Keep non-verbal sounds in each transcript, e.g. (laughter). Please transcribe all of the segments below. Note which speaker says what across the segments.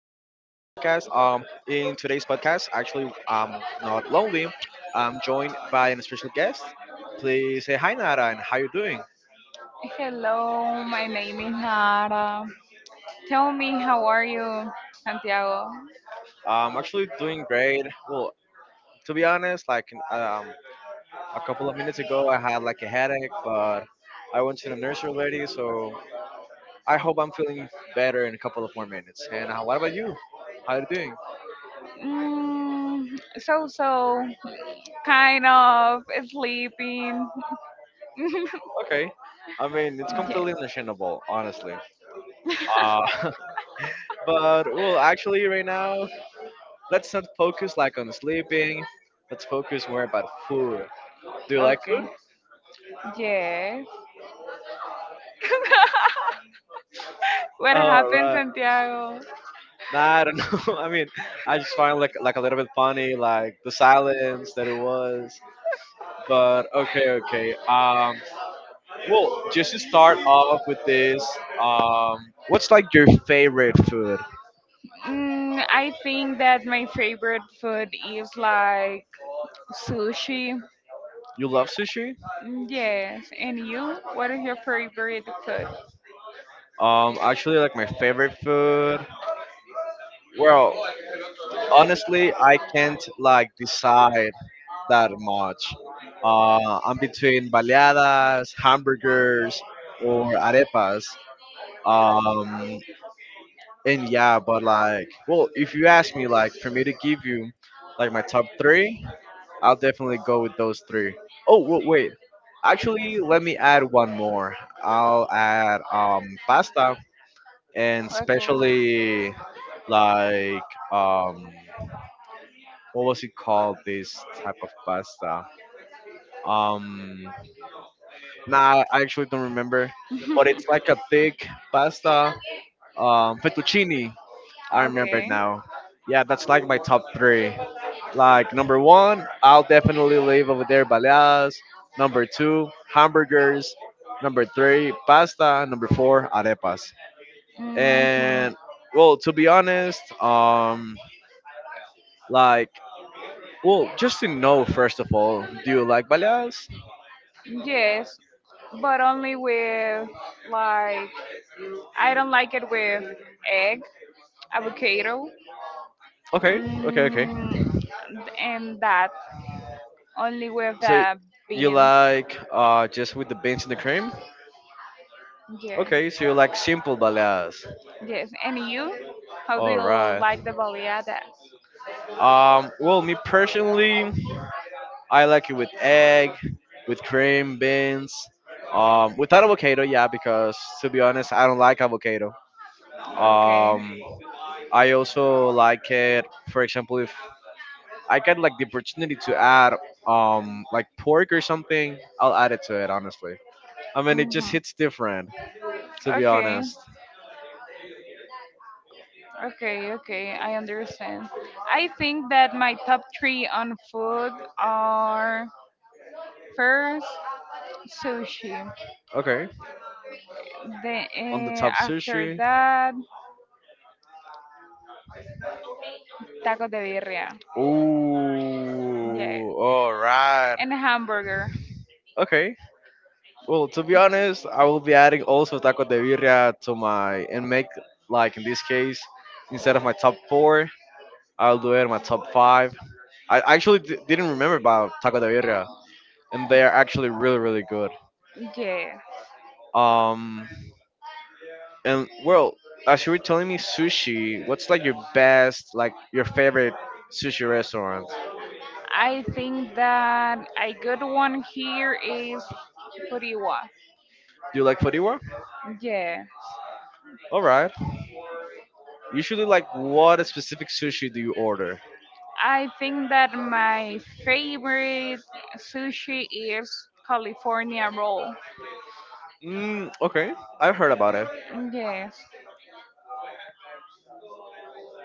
Speaker 1: In today's podcast, actually, I'm not lonely. I'm joined by an special guest. Please say hi, Nara, and how you doing?
Speaker 2: Hello, my name is Nara. Tell me, how are you, Santiago?
Speaker 1: I'm actually doing great. Well, to be honest, a couple of minutes ago, I had like a headache, but I went to the nurse already, so I hope I'm feeling better in a couple of more minutes. And what about you? How you doing?
Speaker 2: So so, kind of sleeping.
Speaker 1: Okay. I mean, it's
Speaker 2: Yeah.
Speaker 1: completely understandable, honestly. Uh, (laughs) But well, actually, right now, let's not focus like on sleeping. Let's focus more about food. Do you like
Speaker 2: Okay.
Speaker 1: food?
Speaker 2: Yes. (laughs) what
Speaker 1: Oh
Speaker 2: happened,
Speaker 1: right.
Speaker 2: Santiago?
Speaker 1: Nah, I don't know. (laughs) I mean, I just find like a little bit funny, like the silence that it was. But okay, okay. Well, just to start off with this, what's like your favorite food?
Speaker 2: I think that my favorite food is like sushi.
Speaker 1: You love sushi?
Speaker 2: Mm, yes. And you? What is your favorite food?
Speaker 1: Actually, like my favorite food. Well, honestly, I can't like decide that much. I'm between baleadas, hamburgers, or arepas. Um, and yeah, but like, well, if you ask me, like, for me to give you like my top three, I'll definitely go with those three. Oh, wait. Actually, let me add one more. I'll add pasta and
Speaker 2: Okay.
Speaker 1: especially like um, what was it called? This type of pasta. Um, Nah, I actually don't remember. But it's like a thick pasta, fettuccine. I remember it
Speaker 2: Okay.
Speaker 1: now. Yeah, that's like my top three. Like number one, I'll definitely leave over there baleadas. Number two, hamburgers. Number three, pasta. Number four, arepas.
Speaker 2: Hmm.
Speaker 1: And well, to be honest, like well, just to know first of all, do you like baleadas?
Speaker 2: Yes, but only with, like, I don't like it with egg, avocado,
Speaker 1: Okay, okay, okay.
Speaker 2: mm, and that, only with
Speaker 1: So
Speaker 2: the
Speaker 1: you
Speaker 2: beans.
Speaker 1: like just with the beans and the cream?
Speaker 2: Yeah.
Speaker 1: Okay, so you like simple baleadas.
Speaker 2: Yes. And you? How do
Speaker 1: All
Speaker 2: you
Speaker 1: right.
Speaker 2: like the baleada?
Speaker 1: Well, me personally, I like it with egg, with cream, beans, without avocado. Yeah, because to be honest, I don't like avocado.
Speaker 2: Okay.
Speaker 1: Um, I also like it. For example, if I get like the opportunity to add like pork or something, I'll add it to it. Honestly, I mean it just
Speaker 2: Hmm.
Speaker 1: hits different. To be
Speaker 2: Okay.
Speaker 1: honest.
Speaker 2: Okay. Okay, I understand. I think that my top three on food are, first, sushi.
Speaker 1: Okay.
Speaker 2: Then
Speaker 1: On the top
Speaker 2: after
Speaker 1: sushi.
Speaker 2: that, tacos de birria. Yeah.
Speaker 1: Ooh, all right.
Speaker 2: And a hamburger.
Speaker 1: Okay. Well, to be honest, I will be adding also taco de birria to my and make like in this case instead of my top four, I'll do it in my top five. I actually didn't remember about taco de birria, and they are actually really really good.
Speaker 2: Yeah.
Speaker 1: Um, and well, as you were telling me sushi, what's like your best, like your favorite sushi restaurant?
Speaker 2: I think that a good one here is Furiwa.
Speaker 1: Do you like Fodiwa?
Speaker 2: Yeah.
Speaker 1: All right. Usually, like, what specific sushi do you order?
Speaker 2: I think that my favorite sushi is California roll.
Speaker 1: Mm, okay, I've heard about it.
Speaker 2: Yes.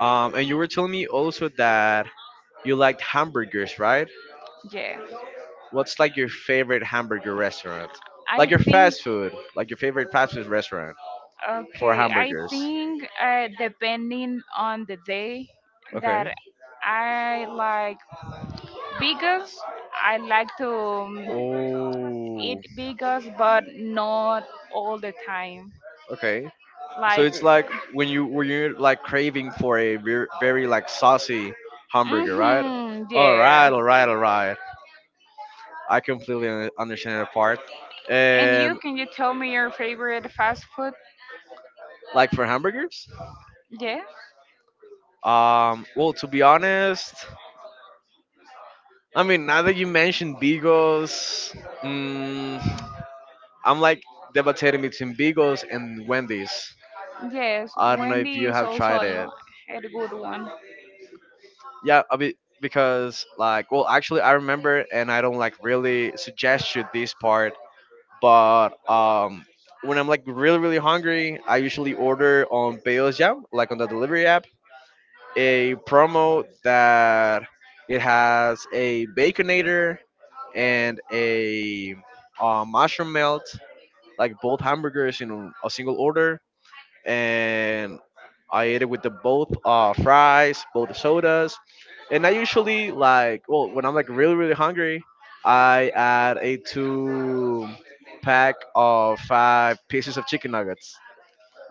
Speaker 1: And you were telling me also that you liked hamburgers, right?
Speaker 2: Yeah.
Speaker 1: What's like your favorite hamburger restaurant?
Speaker 2: I
Speaker 1: Like your
Speaker 2: think
Speaker 1: fast food, like your favorite fast food restaurant for
Speaker 2: okay, I
Speaker 1: hamburgers.
Speaker 2: think depending on the day that
Speaker 1: Okay.
Speaker 2: I like Beagles, I like to
Speaker 1: Oh.
Speaker 2: eat beagles, but not all the time.
Speaker 1: Okay. So
Speaker 2: Like,
Speaker 1: it's like when you're like craving for a very like saucy hamburger, right?
Speaker 2: mm-hmm,
Speaker 1: All right,
Speaker 2: yeah.
Speaker 1: all right, all right. I completely understand that part.
Speaker 2: And you,
Speaker 1: And
Speaker 2: can you tell me your favorite fast food?
Speaker 1: like for hamburgers?
Speaker 2: Yes,
Speaker 1: Well, to be honest, I mean, now that you mentioned Bigos, mm, I'm like debating between Bigos and Wendy's.
Speaker 2: yes.
Speaker 1: I don't know if
Speaker 2: Wendy
Speaker 1: you
Speaker 2: is
Speaker 1: have
Speaker 2: also
Speaker 1: tried it.
Speaker 2: a good one.
Speaker 1: Yeah, I mean, because like, well, actually, I remember, and I don't like really suggest you this part, but when I'm like really really hungry, I usually order on Payo's Jam, like on the delivery app, a promo that it has a baconator and a mushroom melt, like both hamburgers in a single order, and I ate it with the both fries, both sodas, and I usually like well when I'm like really really hungry, I add a two pack of five pieces of chicken nuggets.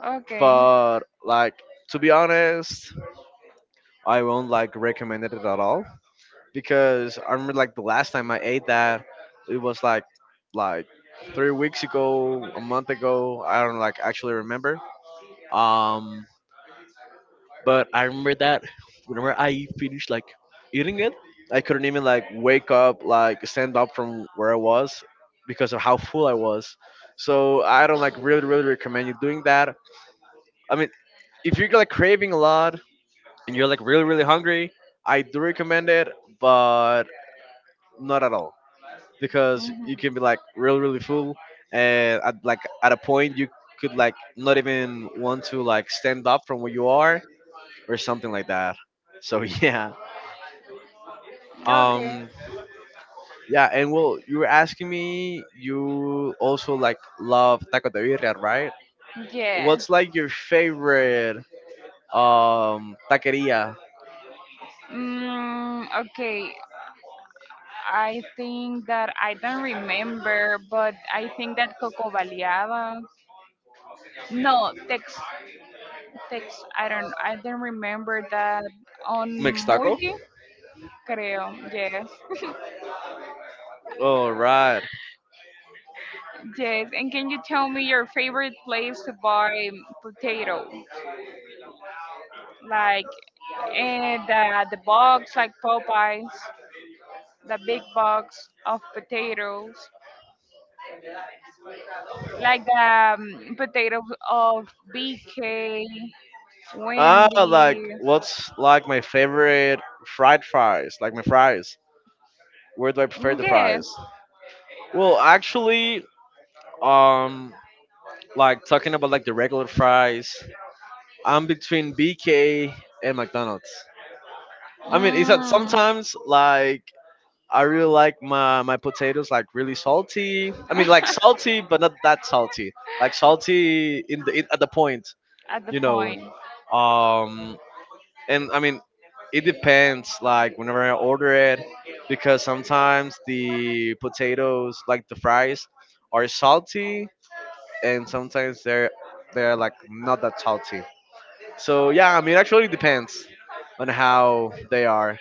Speaker 2: Okay.
Speaker 1: But like to be honest, I won't like recommend it at all because I remember like the last time I ate that it was like 3 weeks ago, a month ago. I don't like actually remember. Um, but I remember that whenever I finished like eating it, I couldn't even like wake up, like stand up from where I was because of how full I was. So I don't like really really recommend you doing that. I mean, if you're like craving a lot, and you're like really really hungry, I do recommend it, but not at all because
Speaker 2: Mhm.
Speaker 1: you can be like really really full, and at like at a point you could like not even want to like stand up from where you are or something like that. So (laughs) yeah.
Speaker 2: Okay.
Speaker 1: Um, yeah, and well you were asking me you also like love taco de birria, right? What's
Speaker 2: Yes.
Speaker 1: like your favorite taqueria?
Speaker 2: Mm, okay. I think that I don't remember, but I think that Coco Baleada. No, Tex, Tex. I don't. I don't remember that on
Speaker 1: Mixed taco?
Speaker 2: Multi. Creo. Yes. (laughs)
Speaker 1: All right.
Speaker 2: Yes. And can you tell me your favorite place to buy potato? Like and the box, like Popeyes, the big box of potatoes, like the potatoes of BK,
Speaker 1: Ah, like
Speaker 2: Wendy.
Speaker 1: what's like my favorite fried fries? Like my fries. Where do I prefer the
Speaker 2: Yes,
Speaker 1: fries? Well, actually, um, like talking about like the regular fries, I'm between BK and McDonald's. I mean, it's that
Speaker 2: mm,
Speaker 1: sometimes like I really like my potatoes like really salty. I mean, like salty, but not that salty. Like salty in the in, at the point,
Speaker 2: at the
Speaker 1: you know.
Speaker 2: point.
Speaker 1: Um, and I mean, it depends. Like whenever I order it, because sometimes the potatoes, like the fries, are salty, and sometimes they're like not that salty. So yeah, I mean, it actually depends on how they are.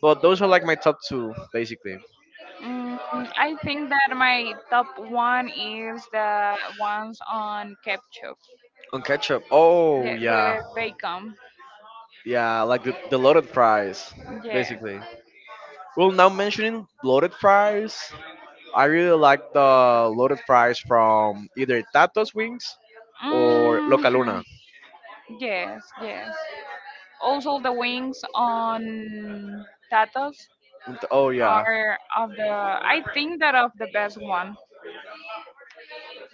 Speaker 1: But those are like my top two, basically.
Speaker 2: Mm, I think that my top one is the ones on ketchup.
Speaker 1: On ketchup, oh
Speaker 2: Yeah,
Speaker 1: yeah,
Speaker 2: with bacon.
Speaker 1: yeah, like the loaded fries,
Speaker 2: Yes.
Speaker 1: basically. Well, now mentioning loaded fries, I really like the loaded fries from either Tato's Wings or Localuna.
Speaker 2: Hmm. Yes, yes. Also, the wings on tatas
Speaker 1: And- Oh yeah.
Speaker 2: are of the. I think that of the best one.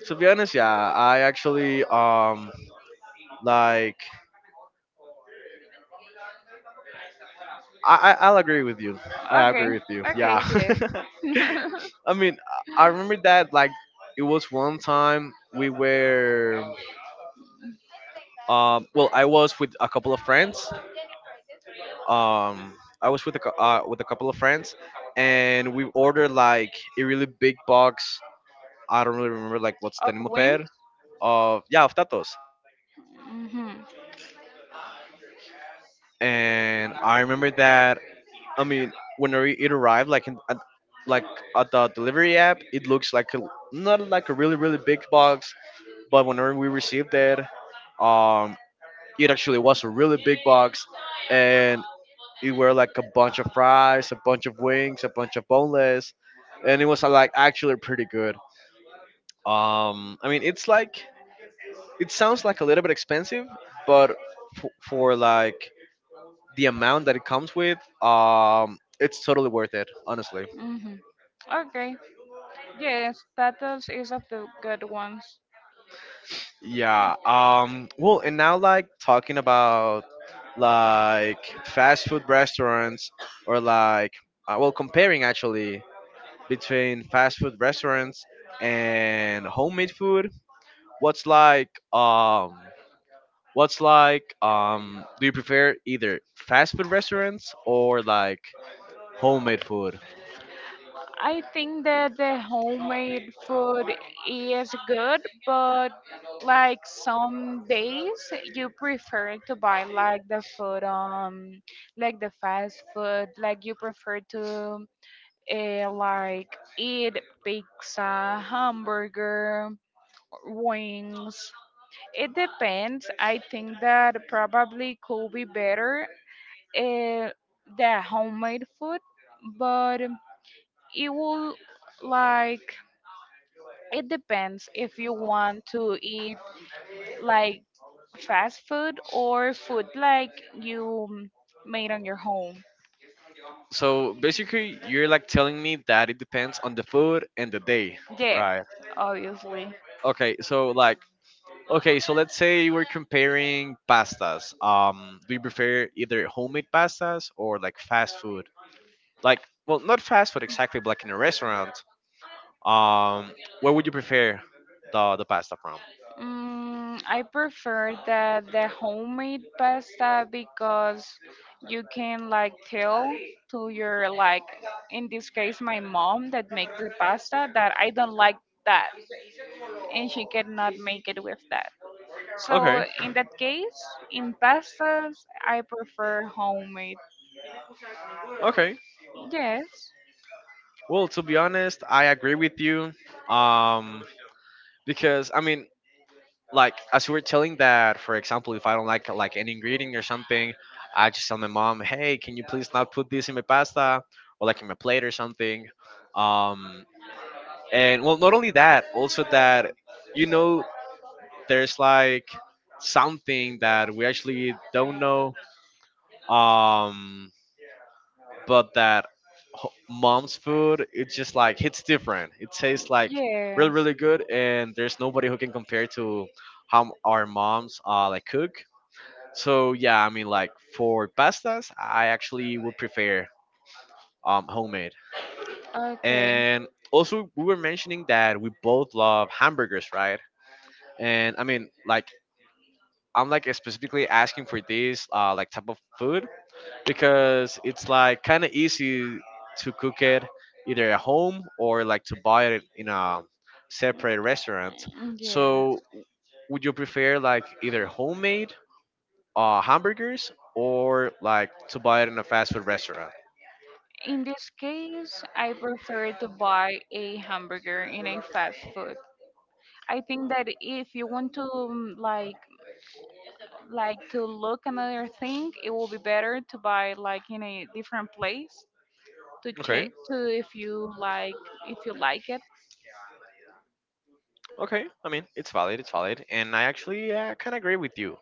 Speaker 1: To be honest, yeah, I actually like I'll agree with you. I
Speaker 2: Okay.
Speaker 1: agree with you.
Speaker 2: Okay.
Speaker 1: Yeah.
Speaker 2: Yes.
Speaker 1: (laughs)
Speaker 2: (laughs)
Speaker 1: I mean, I remember that like it was one time we were well I was with a couple of friends um I was with a cou- with a couple of friends and we ordered like a really big box. I don't really remember like what's the
Speaker 2: of
Speaker 1: name of it.
Speaker 2: wings.
Speaker 1: Of, yeah, of Tatos.
Speaker 2: Hmm.
Speaker 1: And I remember that I mean when it arrived like in, at, like at the delivery app it looks like a, not like a really really big box, but whenever we received it, um it actually was a really big box. And it were like a bunch of fries, a bunch of wings, a bunch of boneless, and it was like actually pretty good. I mean, it's like it sounds like a little bit expensive, but for like the amount that it comes with, it's totally worth it, honestly.
Speaker 2: Hmm. Okay. Yes, turtles is of the good ones.
Speaker 1: Yeah. Well, and now like talking about like fast food restaurants or like well comparing actually between fast food restaurants and homemade food. What's like um what's like do you prefer either fast food restaurants or like homemade food?
Speaker 2: I think that the homemade food is good, but like some days you prefer to buy like the food like the fast food, like you prefer to like eat pizza, hamburger, wings. It depends. I think that probably could be better uh, the homemade food, but it will, like, it depends if you want to eat like fast food or food like you made on your home.
Speaker 1: So basically you're like telling me that it depends on the food and the day,
Speaker 2: Yeah,
Speaker 1: right?
Speaker 2: obviously.
Speaker 1: Okay, so like okay, so let's say we're comparing pastas. Do you prefer either homemade pastas or like fast food? Like well, not fast food exactly, but like in a restaurant. Um where would you prefer the pasta from?
Speaker 2: Mm, I prefer the homemade pasta because you can like tell to your, like, in this case my mom that makes the pasta that I don't like that, and she cannot make it with that. So
Speaker 1: Okay.
Speaker 2: in that case, in pastas, I prefer homemade.
Speaker 1: Okay.
Speaker 2: Yes.
Speaker 1: Well, to be honest, I agree with you. Um, because I mean, like as you were telling that, for example, if I don't like an ingredient or something, I just tell my mom, "Hey, can you please not put this in my pasta or like in my plate or something." Um, and well, not only that, also that you know, there's like something that we actually don't know. Um, but that mom's food it's just like it's different it tastes like really
Speaker 2: Yes.
Speaker 1: really good, and there's nobody who can compare to how our moms like cook. So yeah, I mean, like for pastas I actually would prefer homemade.
Speaker 2: Okay.
Speaker 1: And also we were mentioning that we both love hamburgers, right? And I mean like I'm like specifically asking for this like type of food because it's like kind of easy to cook it either at home or like to buy it in a separate restaurant.
Speaker 2: Mm, yeah.
Speaker 1: So would you prefer like either homemade hamburgers or like to buy it in a fast food restaurant?
Speaker 2: In this case, I prefer to buy a hamburger in a fast food. I think that if you want to like to look another thing, it will be better to buy like in a different place to check
Speaker 1: Okay,
Speaker 2: to if you like, if you like it.
Speaker 1: okay. I mean, it's valid. It's valid, and I actually kind of agree with you.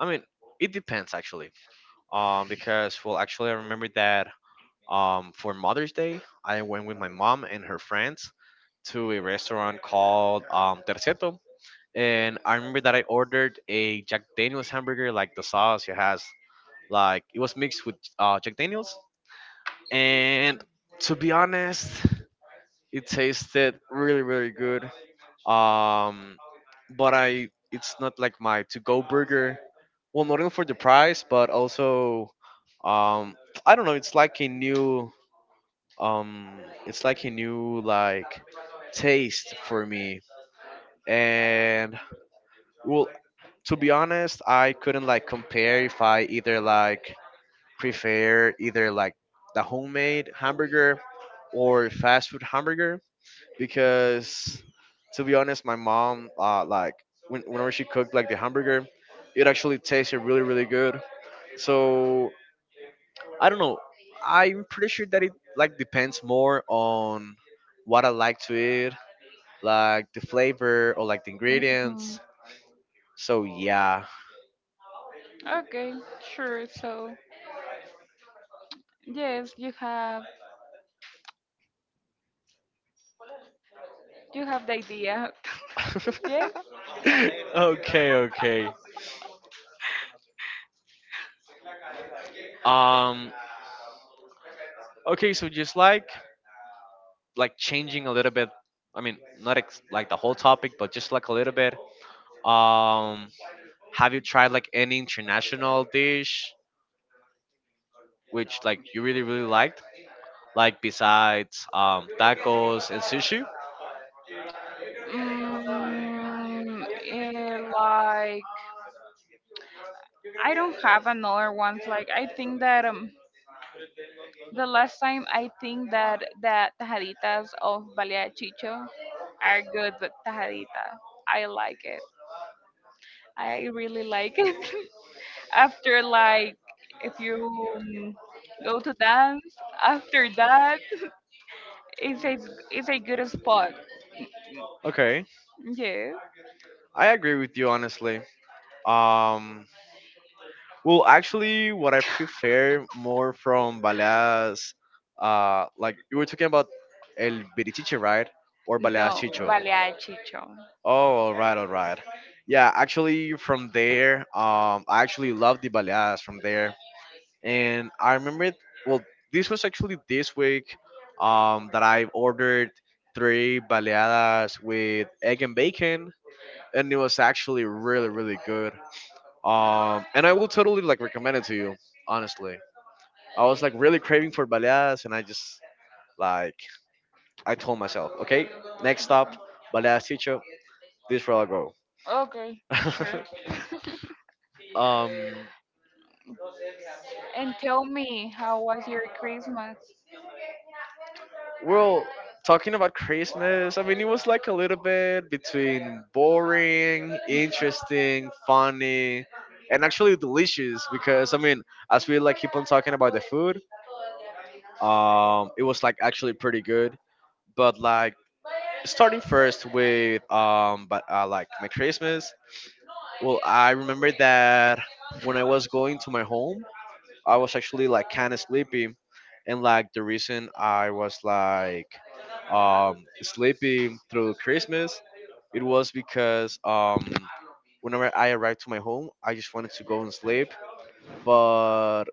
Speaker 1: I mean, it depends actually. Because well, actually, I remember that for Mother's Day, I went with my mom and her friends to a restaurant called Terceto. And I remember that I ordered a Jack Daniels hamburger, like the sauce it has, like it was mixed with Jack Daniels. And to be honest, it tasted really, really good. Um, but I, it's not like my to-go burger. Well, not only for the price, but also, um, I don't know. It's like a new um it's like a new, like, taste for me. And well, to be honest, I couldn't like compare if I either like prefer either like the homemade hamburger or fast food hamburger, because to be honest, my mom, like, when, whenever she cooked like the hamburger, it actually tasted really, really good. So I don't know, I'm pretty sure that it like depends more on what I like to eat, like the flavor or like the
Speaker 2: Hmm.
Speaker 1: ingredients. So yeah.
Speaker 2: Okay, sure. So yes, you have, you have the idea. (laughs) yes.
Speaker 1: (laughs) Okay, okay. Um okay, so just like changing a little bit, I mean, not like the whole topic, but just like a little bit. Um, have you tried like any international dish which like you really really liked, like besides tacos and sushi?
Speaker 2: Like I don't have another one. Like I think that the last time, I think that that tajaditas of Balea Chicho are good with tajadita. I like it. I really like it. (laughs) After, like, if you um, go to dance after that, it's a, it's a good spot.
Speaker 1: Okay,
Speaker 2: Yeah.
Speaker 1: I agree with you honestly. Um, Well, actually, what I prefer more from Baleas, like you were talking about El Birichiche, right? Or
Speaker 2: No,
Speaker 1: Baleas Chicho.
Speaker 2: vale a chicho.
Speaker 1: Oh, all right, all right. Yeah, actually, from there, I actually love the Baleas from there. And I remember, well, this was actually this week, that I ordered three Baleadas with egg and bacon, and it was actually really, really good. And I will totally like recommend it to you. Honestly, I was like really craving for baleadas, and I just like, I told myself, okay, next stop, baleadas teacher, this where I'll go.
Speaker 2: Okay, sure.
Speaker 1: (laughs) um,
Speaker 2: And tell me, how was your Christmas?
Speaker 1: well, talking about Christmas, I mean, it was like a little bit between boring, interesting, funny, and actually delicious, because I mean, as we like keep on talking about the food, it was like actually pretty good. But like, starting first with but like my Christmas. Well, I remember that when I was going to my home, I was actually like kind of sleepy, and like the reason I was like sleepy through Christmas, it was because whenever I arrived to my home, I just wanted to go and sleep, but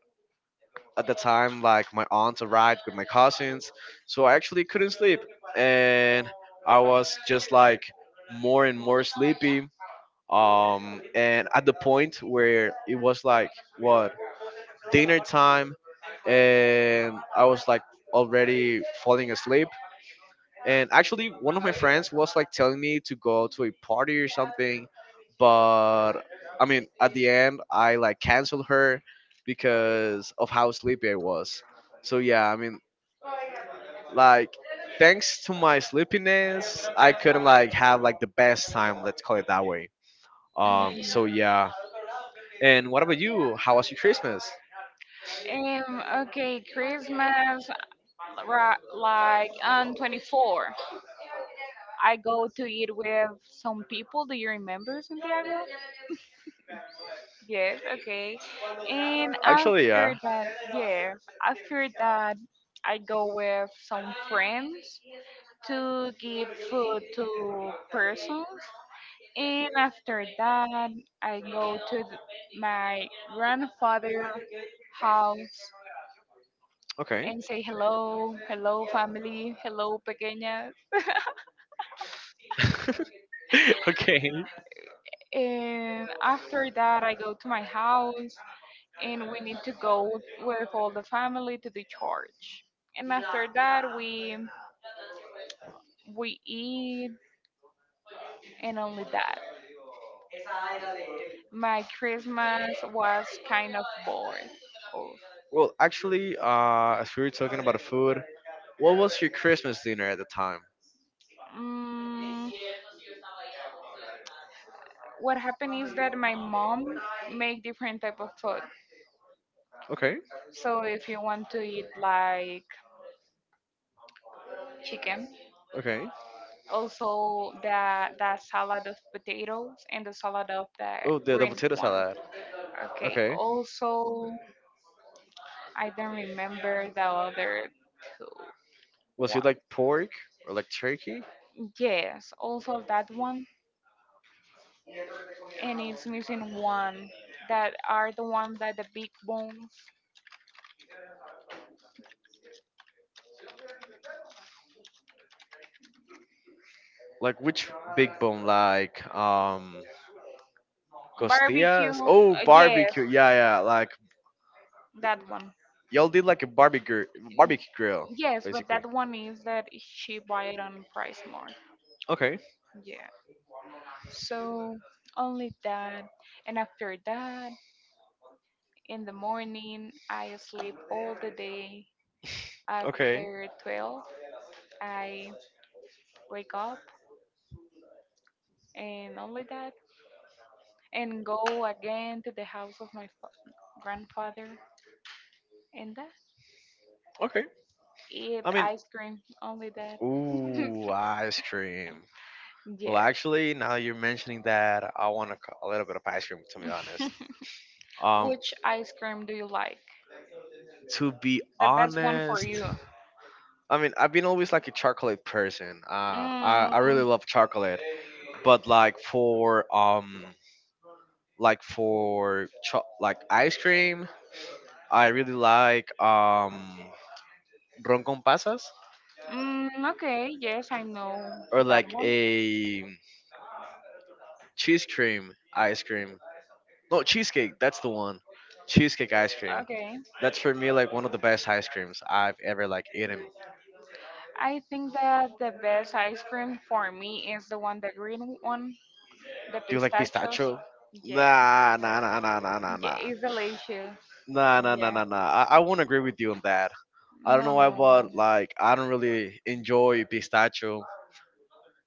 Speaker 1: at the time like my aunt arrived with my cousins, so I actually couldn't sleep, and I was just like more and more sleepy. And at the point where it was like, what, dinner time, and I was like already falling asleep, and actually, one of my friends was like telling me to go to a party or something, but I mean, at the end, I like canceled her because of how sleepy I was. So yeah, I mean, like, thanks to my sleepiness, I couldn't like have like the best time. Let's call it that way. So
Speaker 2: Mhm.
Speaker 1: yeah. And what about you? How was your Christmas?
Speaker 2: Okay, Christmas, like on the 24th I go to eat with some people. Do you remember, Santiago? Yes, okay. And
Speaker 1: Actually,
Speaker 2: after
Speaker 1: yeah.
Speaker 2: that, yeah, after that, I go with some friends to give food to persons. And after that, I go to my grandfather house
Speaker 1: Okay.
Speaker 2: and say hello, hello family, hello pequeña.
Speaker 1: (laughs) (laughs) Okay.
Speaker 2: And after that, I go to my house, and we need to go with all the family to the church. And after that, we eat, and only that. My Christmas was kind of bored. Oh,
Speaker 1: Well, actually, as we were talking about the food, what was your Christmas dinner at the time?
Speaker 2: mm, what happened is that my mom make different type of food.
Speaker 1: Okay.
Speaker 2: So if you want to eat like chicken,
Speaker 1: Okay.
Speaker 2: also the salad of potatoes and the salad of the
Speaker 1: Oh, the
Speaker 2: green
Speaker 1: potato
Speaker 2: one.
Speaker 1: salad.
Speaker 2: Okay.
Speaker 1: Okay.
Speaker 2: Also, I don't remember the other two.
Speaker 1: Was
Speaker 2: One.
Speaker 1: it like pork or like turkey?
Speaker 2: Yes. Also that one, and it's missing one. That are the ones that the big bones.
Speaker 1: Like which big bone? Like
Speaker 2: Barbecue.
Speaker 1: costillas? Oh,
Speaker 2: Yes,
Speaker 1: barbecue. Yeah, yeah. Like
Speaker 2: that one.
Speaker 1: y'all did like a barbecue
Speaker 2: Y-
Speaker 1: barbecue grill,
Speaker 2: Yes, but
Speaker 1: basically.
Speaker 2: that one is that she buy it on price more.
Speaker 1: Okay.
Speaker 2: Yeah. So only that, and after that, in the morning, I sleep all the day.
Speaker 1: Okay.
Speaker 2: After 12, I wake up, and only that, and go again to the house of my grandfather, and that.
Speaker 1: Okay.
Speaker 2: Eat
Speaker 1: I mean,
Speaker 2: ice cream, only that. (laughs)
Speaker 1: ooh, ice cream. Well,
Speaker 2: Yeah.
Speaker 1: actually, now you're mentioning that, I want a little bit of ice cream, to be honest. Um,
Speaker 2: Which ice cream do you like?
Speaker 1: to be
Speaker 2: The best one for
Speaker 1: honest,
Speaker 2: you.
Speaker 1: I mean, I've been always like a chocolate person.
Speaker 2: Mm,
Speaker 1: I really love chocolate, but like for like for like ice cream, I really like ron con pasas,
Speaker 2: mm, okay, yes, I know
Speaker 1: or
Speaker 2: that
Speaker 1: like
Speaker 2: one.
Speaker 1: a cheese cream ice cream. No, cheesecake. That's the one. Cheesecake ice cream.
Speaker 2: Okay.
Speaker 1: That's for me like one of the best ice creams I've ever like eaten.
Speaker 2: I think that the best ice cream for me is the one, the green one, the
Speaker 1: Do you like
Speaker 2: pistachios.
Speaker 1: pistachio?
Speaker 2: Yeah,
Speaker 1: Nah, nah, nah, nah, nah, nah,
Speaker 2: yeah,
Speaker 1: nah,
Speaker 2: it's delicious.
Speaker 1: nah, nah, nah,
Speaker 2: Yeah,
Speaker 1: nah, nah. I won't agree with you on that. I don't know why,
Speaker 2: no.
Speaker 1: but like I don't really enjoy pistachio.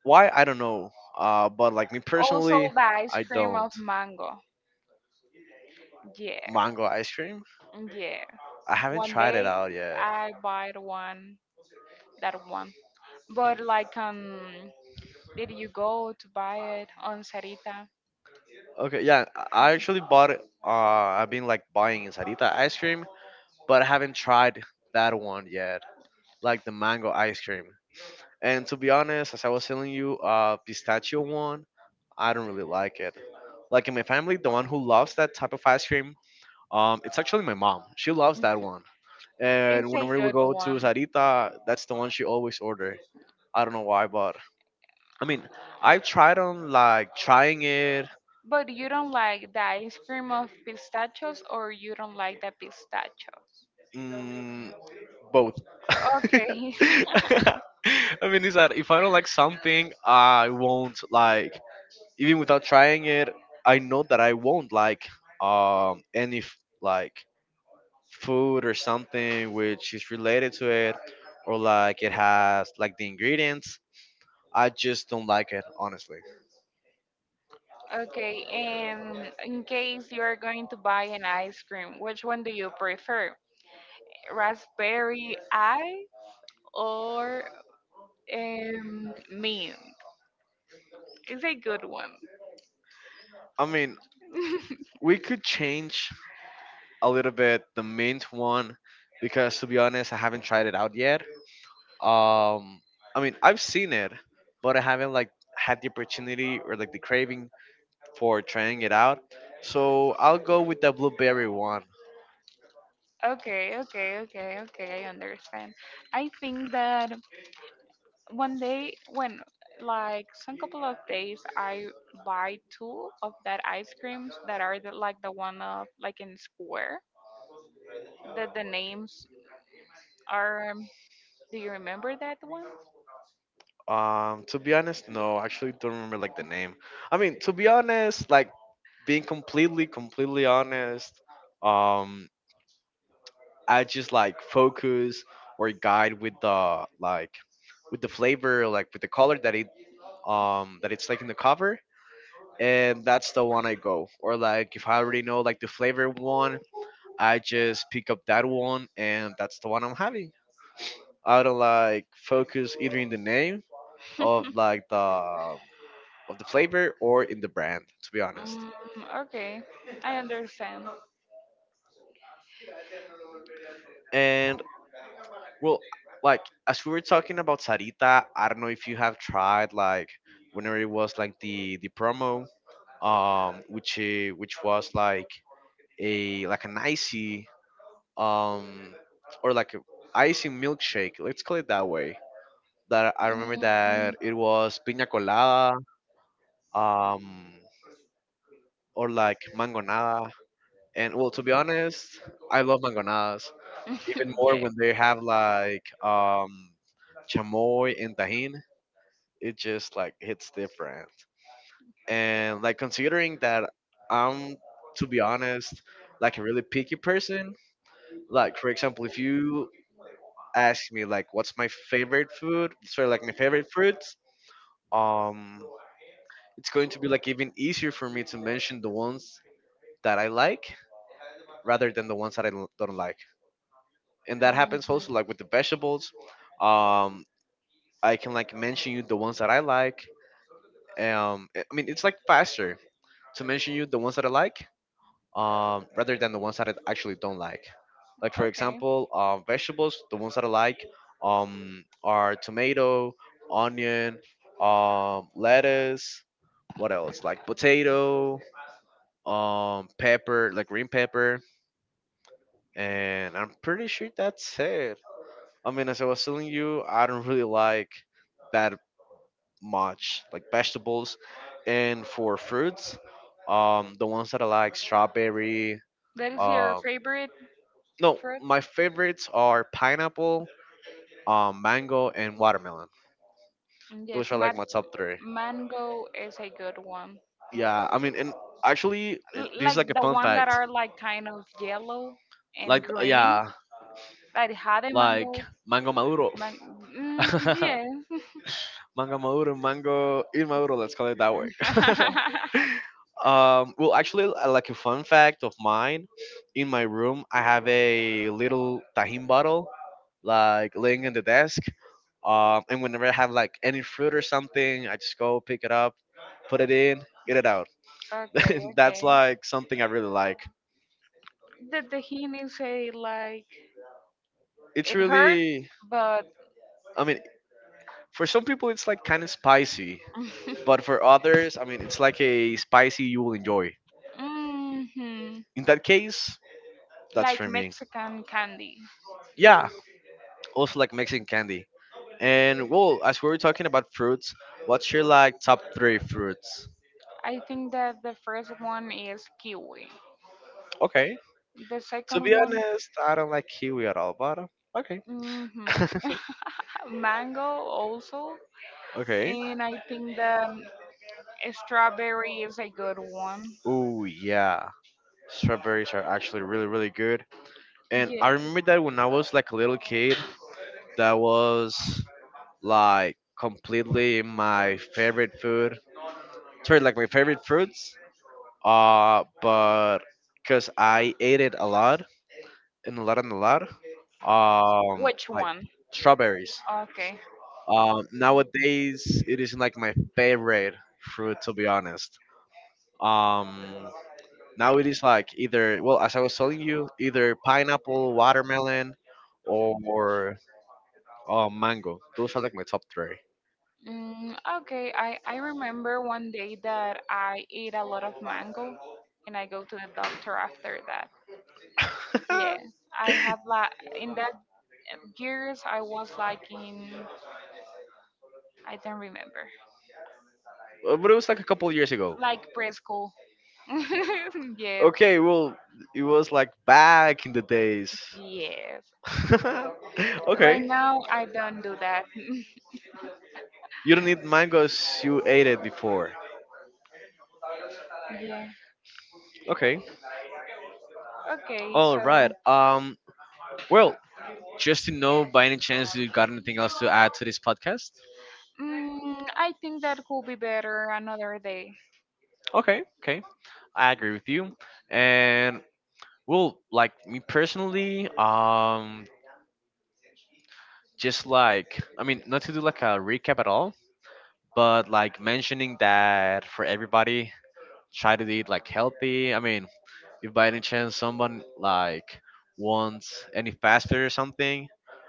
Speaker 1: Why? I don't know. But like me
Speaker 2: Also
Speaker 1: personally,
Speaker 2: the ice
Speaker 1: I
Speaker 2: cream
Speaker 1: don't.
Speaker 2: of mango. Yeah,
Speaker 1: Mango ice cream?
Speaker 2: yeah.
Speaker 1: I haven't
Speaker 2: One
Speaker 1: tried it
Speaker 2: day
Speaker 1: out yet.
Speaker 2: I buy the one, that one. But like, did you go to buy it on Sarita?
Speaker 1: Okay, yeah, I actually bought. It, I've been like buying Sarita ice cream, but I haven't tried that one yet, like the mango ice cream. And to be honest, as I was telling you, pistachio one, I don't really like it. Like in my family, the one who loves that type of ice cream, it's actually my mom. She loves that one.
Speaker 2: (laughs)
Speaker 1: And
Speaker 2: It's a
Speaker 1: whenever we
Speaker 2: good
Speaker 1: go to
Speaker 2: one.
Speaker 1: Sarita, that's the one she always order. I don't know why, but I mean, I've tried on like trying it,
Speaker 2: But you don't like the ice cream of pistachios, or you don't like the pistachios?
Speaker 1: mm, both. (laughs) (laughs)
Speaker 2: Okay. (laughs)
Speaker 1: I mean, it's that if I don't like something, I won't like even without trying it. I know that I won't like any like food or something which is related to it, or like it has like the ingredients. I just don't like it, honestly.
Speaker 2: Okay, and in case you are going to buy an ice cream, which one do you prefer? Raspberry I or mint? It's a good one.
Speaker 1: I mean,
Speaker 2: (laughs)
Speaker 1: we could change a little bit the mint one, because to be honest, I haven't tried it out yet. Um, I mean, I've seen it, but I haven't like had the opportunity or like the craving for trying it out. So I'll go with the blueberry one.
Speaker 2: Okay, okay, okay, okay, I understand. I think that one day when, like, some couple of days, I buy two of that ice creams that are the, like the one of like in square that the names are do you remember that one?
Speaker 1: To be honest, no, I actually don't remember like the name. I mean, to be honest, like being completely, completely honest, um, I just like focus or guide with the like, with the flavor, like with the color that it, that it's like in the cover, and that's the one I go. Or like if I already know like the flavor one, I just pick up that one and that's the one I'm having. I don't like focus either in the name of like the, of the flavor, or in the brand, to be honest.
Speaker 2: Mm, okay, I understand. Mm,
Speaker 1: And well, like as we were talking about Sarita, I don't know if you have tried like whenever it was like the promo, which which was like a, like an icy, um, or like a icy milkshake. Let's call it that way. That I remember that it was piña colada, um, or like mangonada. And well, to be honest, I love mangonadas even
Speaker 2: (laughs)
Speaker 1: more
Speaker 2: yeah.
Speaker 1: when they have like chamoy and tahin. It just like hits different. And like considering that I'm, to be honest, like a really picky person. Like for example, if you ask me like what's my favorite food, sorry, like my favorite fruits, um, it's going to be like even easier for me to mention the ones that I like rather than the ones that I don't like. And that
Speaker 2: Mhm.
Speaker 1: happens also like with the vegetables. Um, I can like mention you the ones that I like. Um, I mean, it's like faster to mention you the ones that I like, rather than the ones that I actually don't like. Like for
Speaker 2: Okay.
Speaker 1: example, vegetables, the ones that I like, are tomato, onion, lettuce. What else? Like potato, pepper, like green pepper, and I'm pretty sure that's it. I mean, as I was telling you, I don't really like that much, like vegetables, and for fruits, the ones that I like, strawberry,
Speaker 2: That is your
Speaker 1: um,
Speaker 2: favorite
Speaker 1: no,
Speaker 2: fruit?
Speaker 1: my favorites are pineapple, mango, and watermelon. Those
Speaker 2: Yes,
Speaker 1: are like my top three.
Speaker 2: mango is a good one.
Speaker 1: Yeah, I mean, and actually, and this is
Speaker 2: Like
Speaker 1: like a
Speaker 2: the
Speaker 1: fun
Speaker 2: one that
Speaker 1: fact.
Speaker 2: are like kind of yellow and
Speaker 1: Like,
Speaker 2: green,
Speaker 1: yeah,
Speaker 2: that had a
Speaker 1: like
Speaker 2: mango.
Speaker 1: mango maduro.
Speaker 2: Man- mm,
Speaker 1: (laughs)
Speaker 2: yes.
Speaker 1: Mango maduro, mango maduro. Let's call it that way.
Speaker 2: (laughs)
Speaker 1: (laughs) Well, actually, like a fun fact of mine, in my room, I have a little tajin bottle like laying in the desk. And whenever I have like any fruit or something, I just go pick it up, put it in, eat it out.
Speaker 2: Okay,
Speaker 1: (laughs)
Speaker 2: okay.
Speaker 1: That's like something I really like.
Speaker 2: The tahini say like
Speaker 1: It's
Speaker 2: it hurt,
Speaker 1: really,
Speaker 2: but
Speaker 1: I mean, for some people it's like kind of spicy, but for
Speaker 2: (laughs)
Speaker 1: others, I mean, it's like a spicy you will enjoy.
Speaker 2: hmm.
Speaker 1: In that case, that's
Speaker 2: Like
Speaker 1: for me.
Speaker 2: Mexican candy.
Speaker 1: Yeah, also like Mexican candy. And well, as we were talking about fruits, what's your like top three fruits?
Speaker 2: I think that the first one is kiwi.
Speaker 1: Okay.
Speaker 2: The
Speaker 1: To
Speaker 2: second
Speaker 1: be
Speaker 2: one,
Speaker 1: honest, I don't like kiwi at all, but okay.
Speaker 2: mhm,
Speaker 1: (laughs)
Speaker 2: mango also.
Speaker 1: Okay.
Speaker 2: And I think the strawberry is a good one.
Speaker 1: Oh yeah, strawberries are actually really really good. And I
Speaker 2: Yeah.
Speaker 1: remember that when I was like a little kid, that was like completely my favorite food. Sorry, like my favorite fruits. But because I ate it a lot and a lot and a lot. Um,
Speaker 2: Which
Speaker 1: like
Speaker 2: one?
Speaker 1: strawberries.
Speaker 2: Okay.
Speaker 1: Nowadays it isn't like my favorite fruit, to be honest. Um, Now it is like, either, well, as I was telling you, either pineapple, watermelon, or, mango. Those are like my top three.
Speaker 2: Mm, okay, I remember one day that I ate a lot of mango and I go to the doctor after that. Yeah,
Speaker 1: (laughs)
Speaker 2: I have like in that years I was like in, I don't remember.
Speaker 1: But it was like a couple years ago.
Speaker 2: Like preschool. (laughs) Yes,
Speaker 1: Okay, well, it was like back in the days.
Speaker 2: yes.
Speaker 1: (laughs)
Speaker 2: Right
Speaker 1: Okay,
Speaker 2: now I don't do that.
Speaker 1: you don't eat
Speaker 2: (laughs)
Speaker 1: mangoes. You ate it before.
Speaker 2: Yeah.
Speaker 1: Okay,
Speaker 2: Okay,
Speaker 1: all right.
Speaker 2: so
Speaker 1: Well, just to know, by any chance, you got anything else to add to this podcast?
Speaker 2: mm, I think that could be better another day.
Speaker 1: Okay, okay. I agree with you. And well, like me personally, just like, I mean, not to do like a recap at all, but like mentioning that for everybody, try to eat like healthy. I mean, if by any chance someone like wants any fast food or something,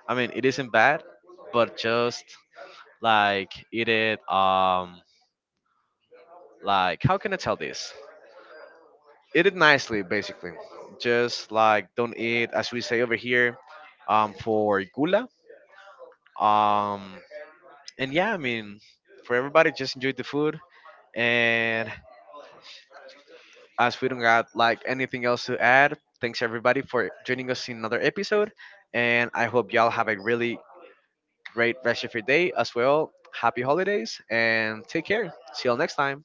Speaker 1: I mean, it isn't bad, but just like eat it. Like how can I tell this? Eat it nicely, basically, just like don't eat, as we say over here, for gula. um and yeah, I mean, for everybody, just enjoy the food, and as we don't got like anything else to add, thanks everybody for joining us in another episode, and I hope y'all have a really great rest of your day as well. Happy holidays and take care. See y'all next time.